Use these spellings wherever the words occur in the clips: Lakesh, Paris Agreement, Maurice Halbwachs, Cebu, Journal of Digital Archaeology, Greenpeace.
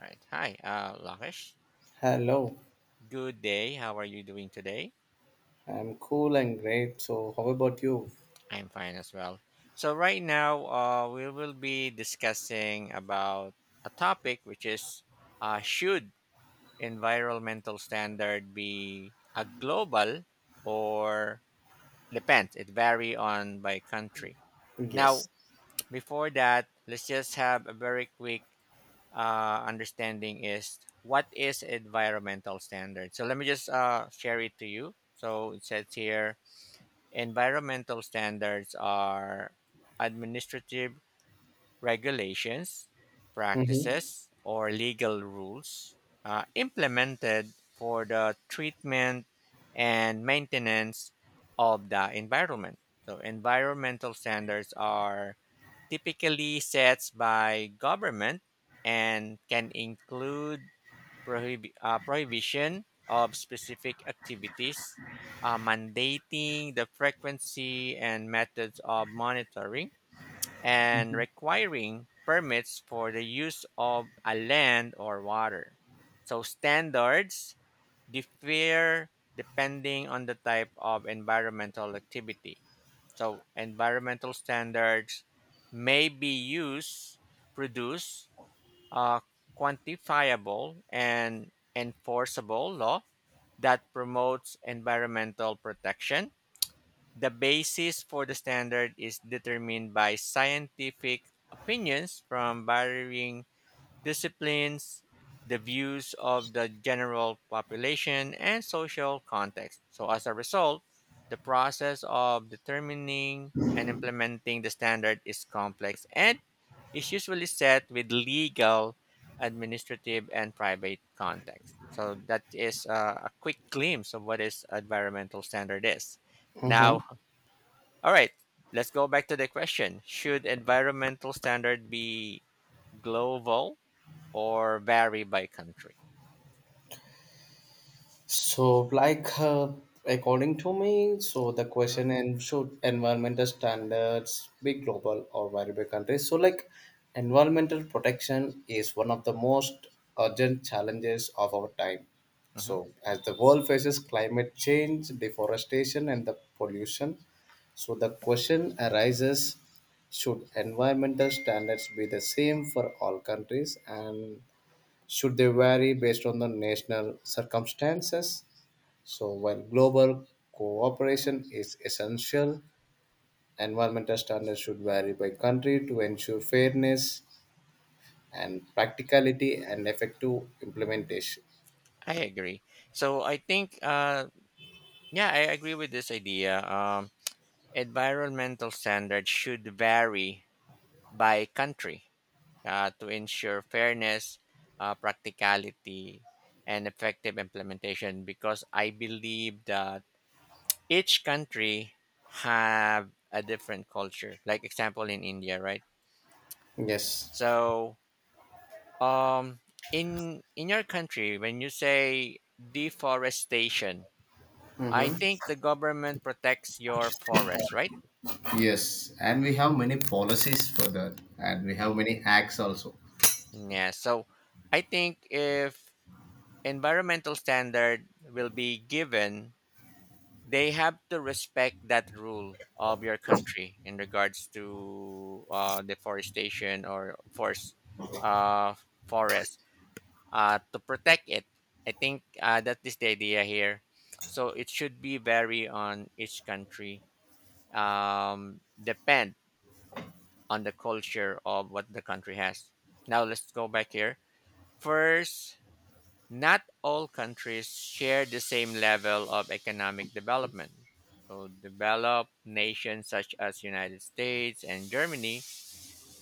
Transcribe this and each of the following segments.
All right. Hi, Lakesh. Hello, Good day. How are you doing today? I'm cool and great. So, how about you? I'm fine as well. So right now, we will be discussing about a topic which is, should environmental standard be a global or depends? It vary on by country. Yes. Now, before that, let's just have a very quick understanding is what is environmental standard. So let me just share it to you. So it says here environmental standards are administrative regulations, Mm-hmm. practices, or legal rules implemented for the treatment and maintenance of the environment. So environmental standards are typically sets by government and can include prohibition of specific activities, mandating the frequency and methods of monitoring, and requiring permits for the use of a land or water. So, standards differ depending on the type of environmental activity so environmental standards may be used, produce a quantifiable and enforceable law that promotes environmental protection. The basis for the standard is determined by scientific opinions from varying disciplines, the views of the general population, and social context. So, as a result, the process of determining and implementing the standard is complex and is usually set with legal, administrative, and private context. So, that is a quick glimpse of what is environmental standard is. Mm-hmm. Now, all right, let's go back to the question. Should environmental standard be global or vary by country. So, like, uh, According to me, so the Mhm, question and should environmental standards be global or vary by country? So, like, environmental protection is one of the most urgent challenges of our time. mhm. So, as the world faces climate change, deforestation, and the pollution, so the question arises: Should environmental standards be the same for all countries, and should they vary based on the national circumstances? So, while global cooperation is essential, environmental standards should vary by country to ensure fairness and practicality and effective implementation. I agree. So I think, yeah, I agree with this idea. Environmental standards should vary by country to ensure fairness, practicality, and effective implementation. Because I believe that each country have a different culture. Like example in India, right? Yes. So Um, in your country, when you say deforestation, I think the government protects your forest, right? Yes, and we have many policies for that, and we have Y- many acts also. Yeah. So I think if environmental standard will be given, they have to respect that rule of your country in regards to deforestation or uh, forest. To protect it. I think that is the idea here. So it should be vary on each country, depend on the culture of what the country has. Now let's go back here. First, not all countries share the same level of economic development. So developed nations such as United States and Germany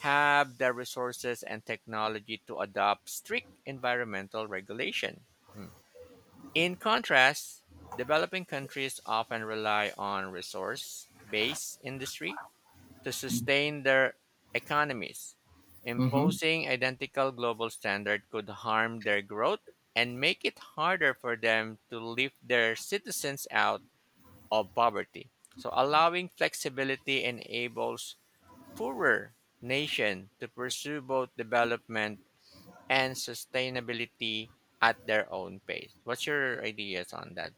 have the resources and technology to adopt strict environmental regulation. Hmm. In contrast, developing countries often rely on resource based industry to sustain their economies. Mm-hmm. Imposing identical global standard could harm their growth and make it harder for them to lift their citizens out of poverty. So allowing flexibility enables poorer nation to pursue both development and sustainability at their own pace. What's your ideas on that?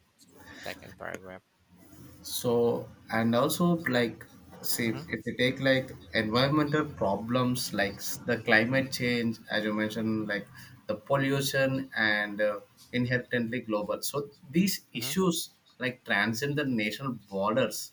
Second paragraph. So and also, like, say Mm-hmm. if you take like environmental problems like the climate change, as you mentioned, like the pollution and inherently global. So these Mm-hmm. issues like transcend the national borders,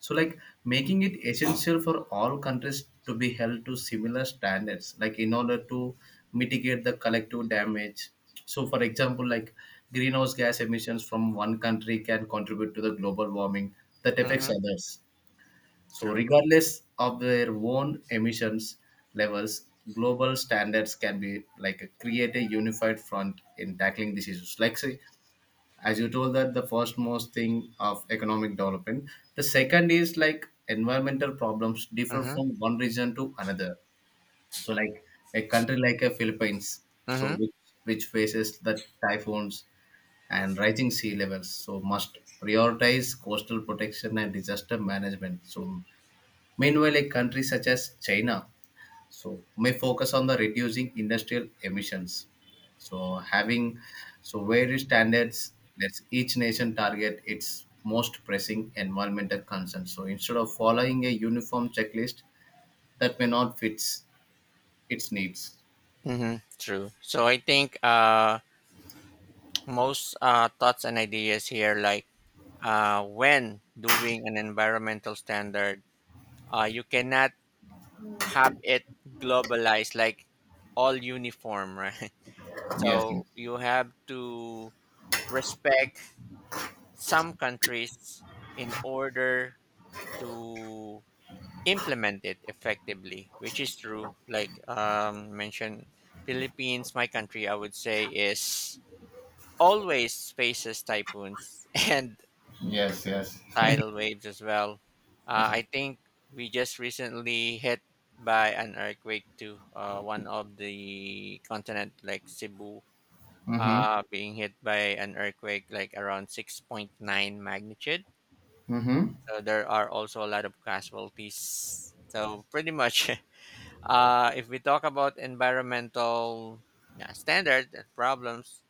so, like, making it essential for all countries to be held to similar standards, like in order to mitigate the collective damage. So, for example, like greenhouse gas emissions from one country can contribute to the global warming that affects Mm-hmm. others. So, True. regardless of their own emissions levels, global standards can be like create a unified front in tackling these issues. Like, say, as you told that the first most thing of economic development, the second is like environmental problems differ Mm-hmm. from one region to another. So like a country like a Philippines, so Mm-hmm. which faces the typhoons and rising sea levels, so must prioritize coastal protection and disaster management. So meanwhile a country such as China, so may focus on the reducing industrial emissions, so having so various standards lets each nation target its most pressing environmental concerns, so instead of following a uniform checklist that may not fits its needs. Mm-hmm. True. So I think most thoughts and ideas here like when doing an environmental standard, you cannot have it globalized like all uniform, right? Yes, So you have to respect some countries in order to implement it effectively, which is true. Like mentioned, Philippines, my country, I would say is always faces typhoons and yes, yes. tidal waves as well. I think we just recently hit by an earthquake to one of the continent, like Cebu, Mm-hmm. Being hit by an earthquake like around 6.9 magnitude. Mm-hmm. So there are also a lot of casualties. So pretty much. If we talk about environmental, yeah, standard and problems,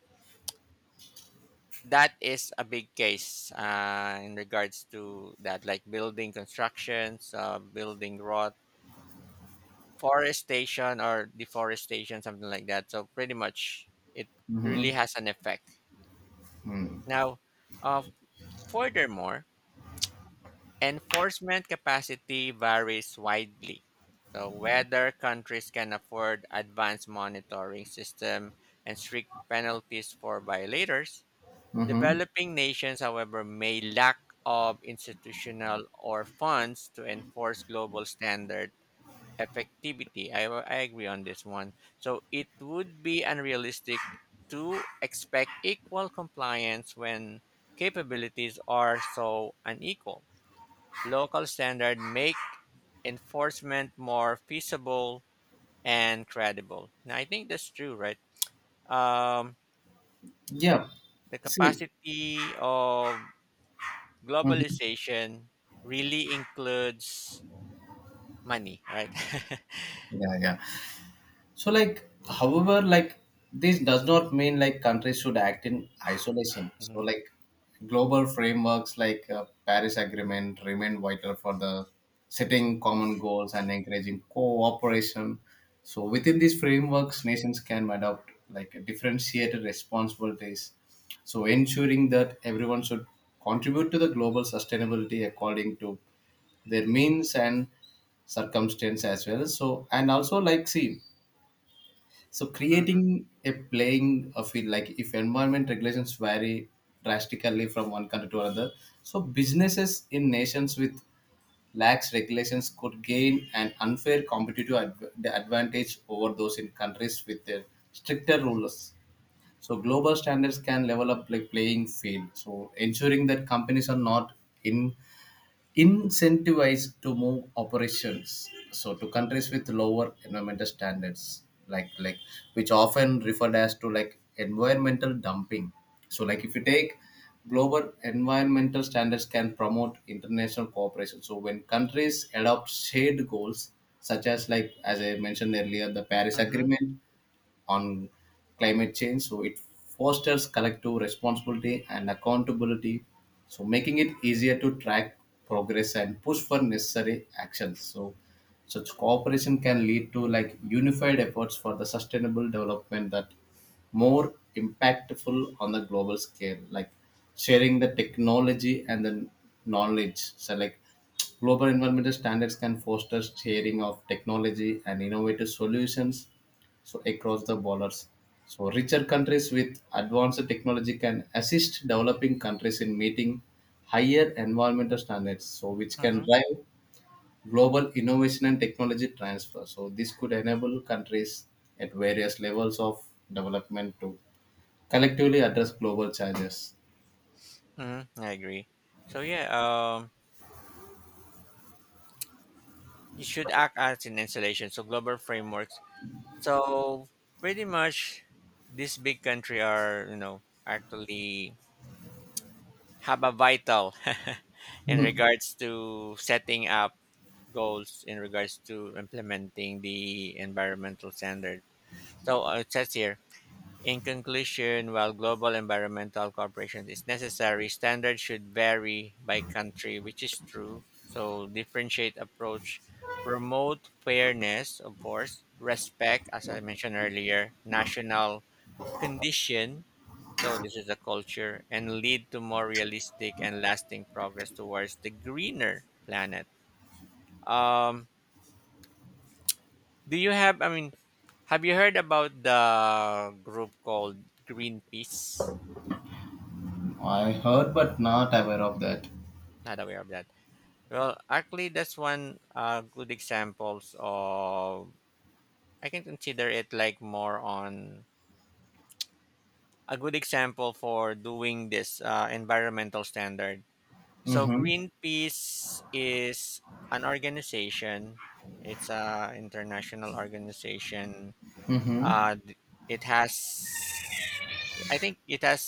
that is a big case in regards to that, like building constructions, building rot, forestation or deforestation, something like that. So pretty much, it really has an effect. Now, uh, furthermore, enforcement capacity varies widely. So whether countries can afford advanced monitoring system and strict penalties for violators, developing nations, however, may lack of institutional or funds to enforce global standard effectivity. I agree on this one. So it would be unrealistic to expect equal compliance when capabilities are so unequal. Local standards make enforcement more feasible and credible. Now, I think that's true, right? Um, Yeah. the See. capacity of Hmm. globalization really includes money, right? Yeah, yeah. So, like, however, like, this does not mean like countries should act in isolation. So, Hmm. like, global frameworks like Paris Agreement remain vital for the setting common goals and encouraging cooperation. So, within these frameworks, nations can adopt like differentiated responsibilities. So, ensuring that everyone should contribute to the global sustainability according to their means and circumstance as well. So and also like see, so Hmm. creating a playing a field, like if environment regulations vary drastically from one country to another, so businesses in nations with lax regulations could gain an unfair competitive the advantage over those in countries with their stricter rules. So global standards can level up like playing field. So ensuring that companies are not in incentivized to move operations so to countries with lower environmental standards, like which often referred as to like environmental dumping. So like if you take global environmental standards can promote international cooperation, so when countries adopt shared goals such as, like as I mentioned earlier, the Paris Hmm. Agreement on climate change. So it fosters collective responsibility and accountability, so making it easier to track progress and push for necessary actions. So such cooperation can lead to like unified efforts for the sustainable development that more impactful on the global scale, like sharing the technology and the knowledge. So like global environmental standards can foster sharing of technology and innovative solutions so across the borders. So richer countries with advanced technology can assist developing countries in meeting higher environmental standards, so which can Hmm. drive global innovation and technology transfer. So this could enable countries at various levels of development to collectively address global challenges. Hmm. I agree. So yeah, you should act as an installation. So global frameworks. So pretty much, this big country are you know actually have a vital in regards to setting up goals in regards to implementing the environmental standard. So it says here, in conclusion, while global environmental cooperation is necessary, standards should vary by country, which is true. So differentiate approach, promote fairness, of course, respect, as I mentioned earlier, national condition so this is a culture and lead to more realistic and lasting progress towards the greener planet. Um, do you have? I mean, have you heard about the group called Greenpeace? I heard but not aware of that. Not aware of that. Well, actually, that's one good examples of. I can consider it like more on a good example for doing this environmental standard. So Mm-hmm. Greenpeace is an organization. It's a international organization. Mm-hmm. Uh, th- it has, I think, it has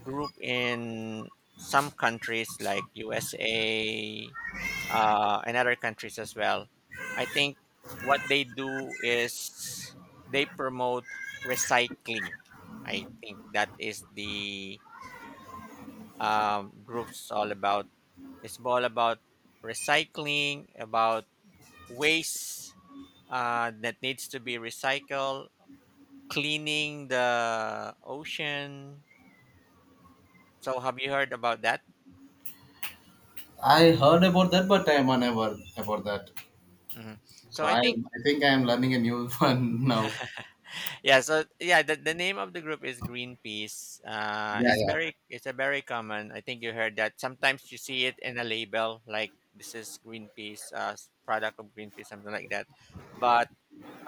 group in some countries like USA and other countries as well. I think what they do is they promote recycling. I think that is the group's all about. It's all about recycling, about waste that needs to be recycled, cleaning the ocean. So, have you heard about that? I heard about that, but I am unaware about that. Hmm. So, So I I, think I think I am learning a new one now. yeah. So yeah, the name of the group is Greenpeace. Yeah, It's yeah. very it's a very common. I think you heard that. Sometimes you see it in a label like this is Greenpeace, product of Greenpeace, something like that. But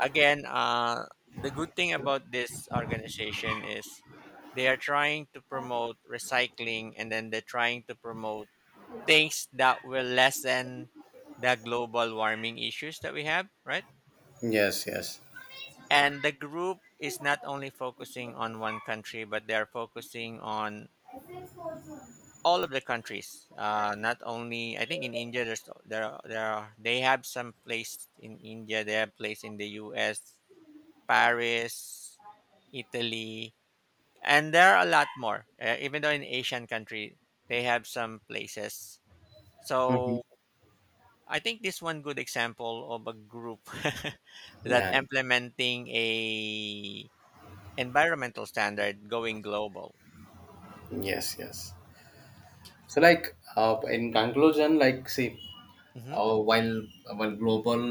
again, the good thing about this organization is they are trying to promote recycling and then they're trying to promote things that will lessen the global warming issues that we have, right? Yes, yes. And the group is not only focusing on one country, but they are focusing on all of the countries. Not only I think in India, there's there are, they have some place in India, they have place in the U.S., Paris, Italy, and there are a lot more even though in asian country they have some places Mhm. so I think this one good example of a group that Yeah. implementing a environmental standard going global. Yes, yes. So, like, in conclusion, like, see, Hmm. uh, while while global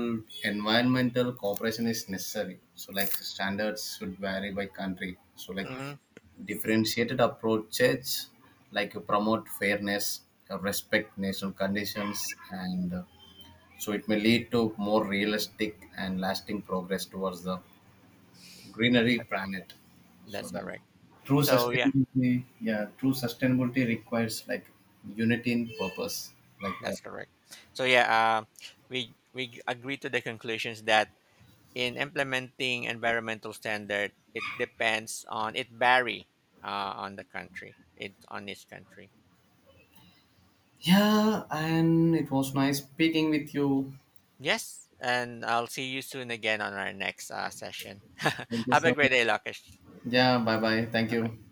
environmental cooperation is necessary, so like standards should vary by country. So, like, Hmm. differentiated approaches, like, promote fairness, respect national conditions, and so it may lead to more realistic and lasting progress towards the greenery planet. So That's that correct. true So yeah. sustainability, yeah, true sustainability requires like unity in purpose, like that. That's correct. So yeah, we agree to the conclusions that in implementing environmental standard it depends on it vary on the country it on each country. Yeah, and it was nice speaking with you. Yes, and I'll see you soon again on our next session. Thank you Have a so great much. day, Lakesh. Yeah, bye bye. Thank Bye you. bye.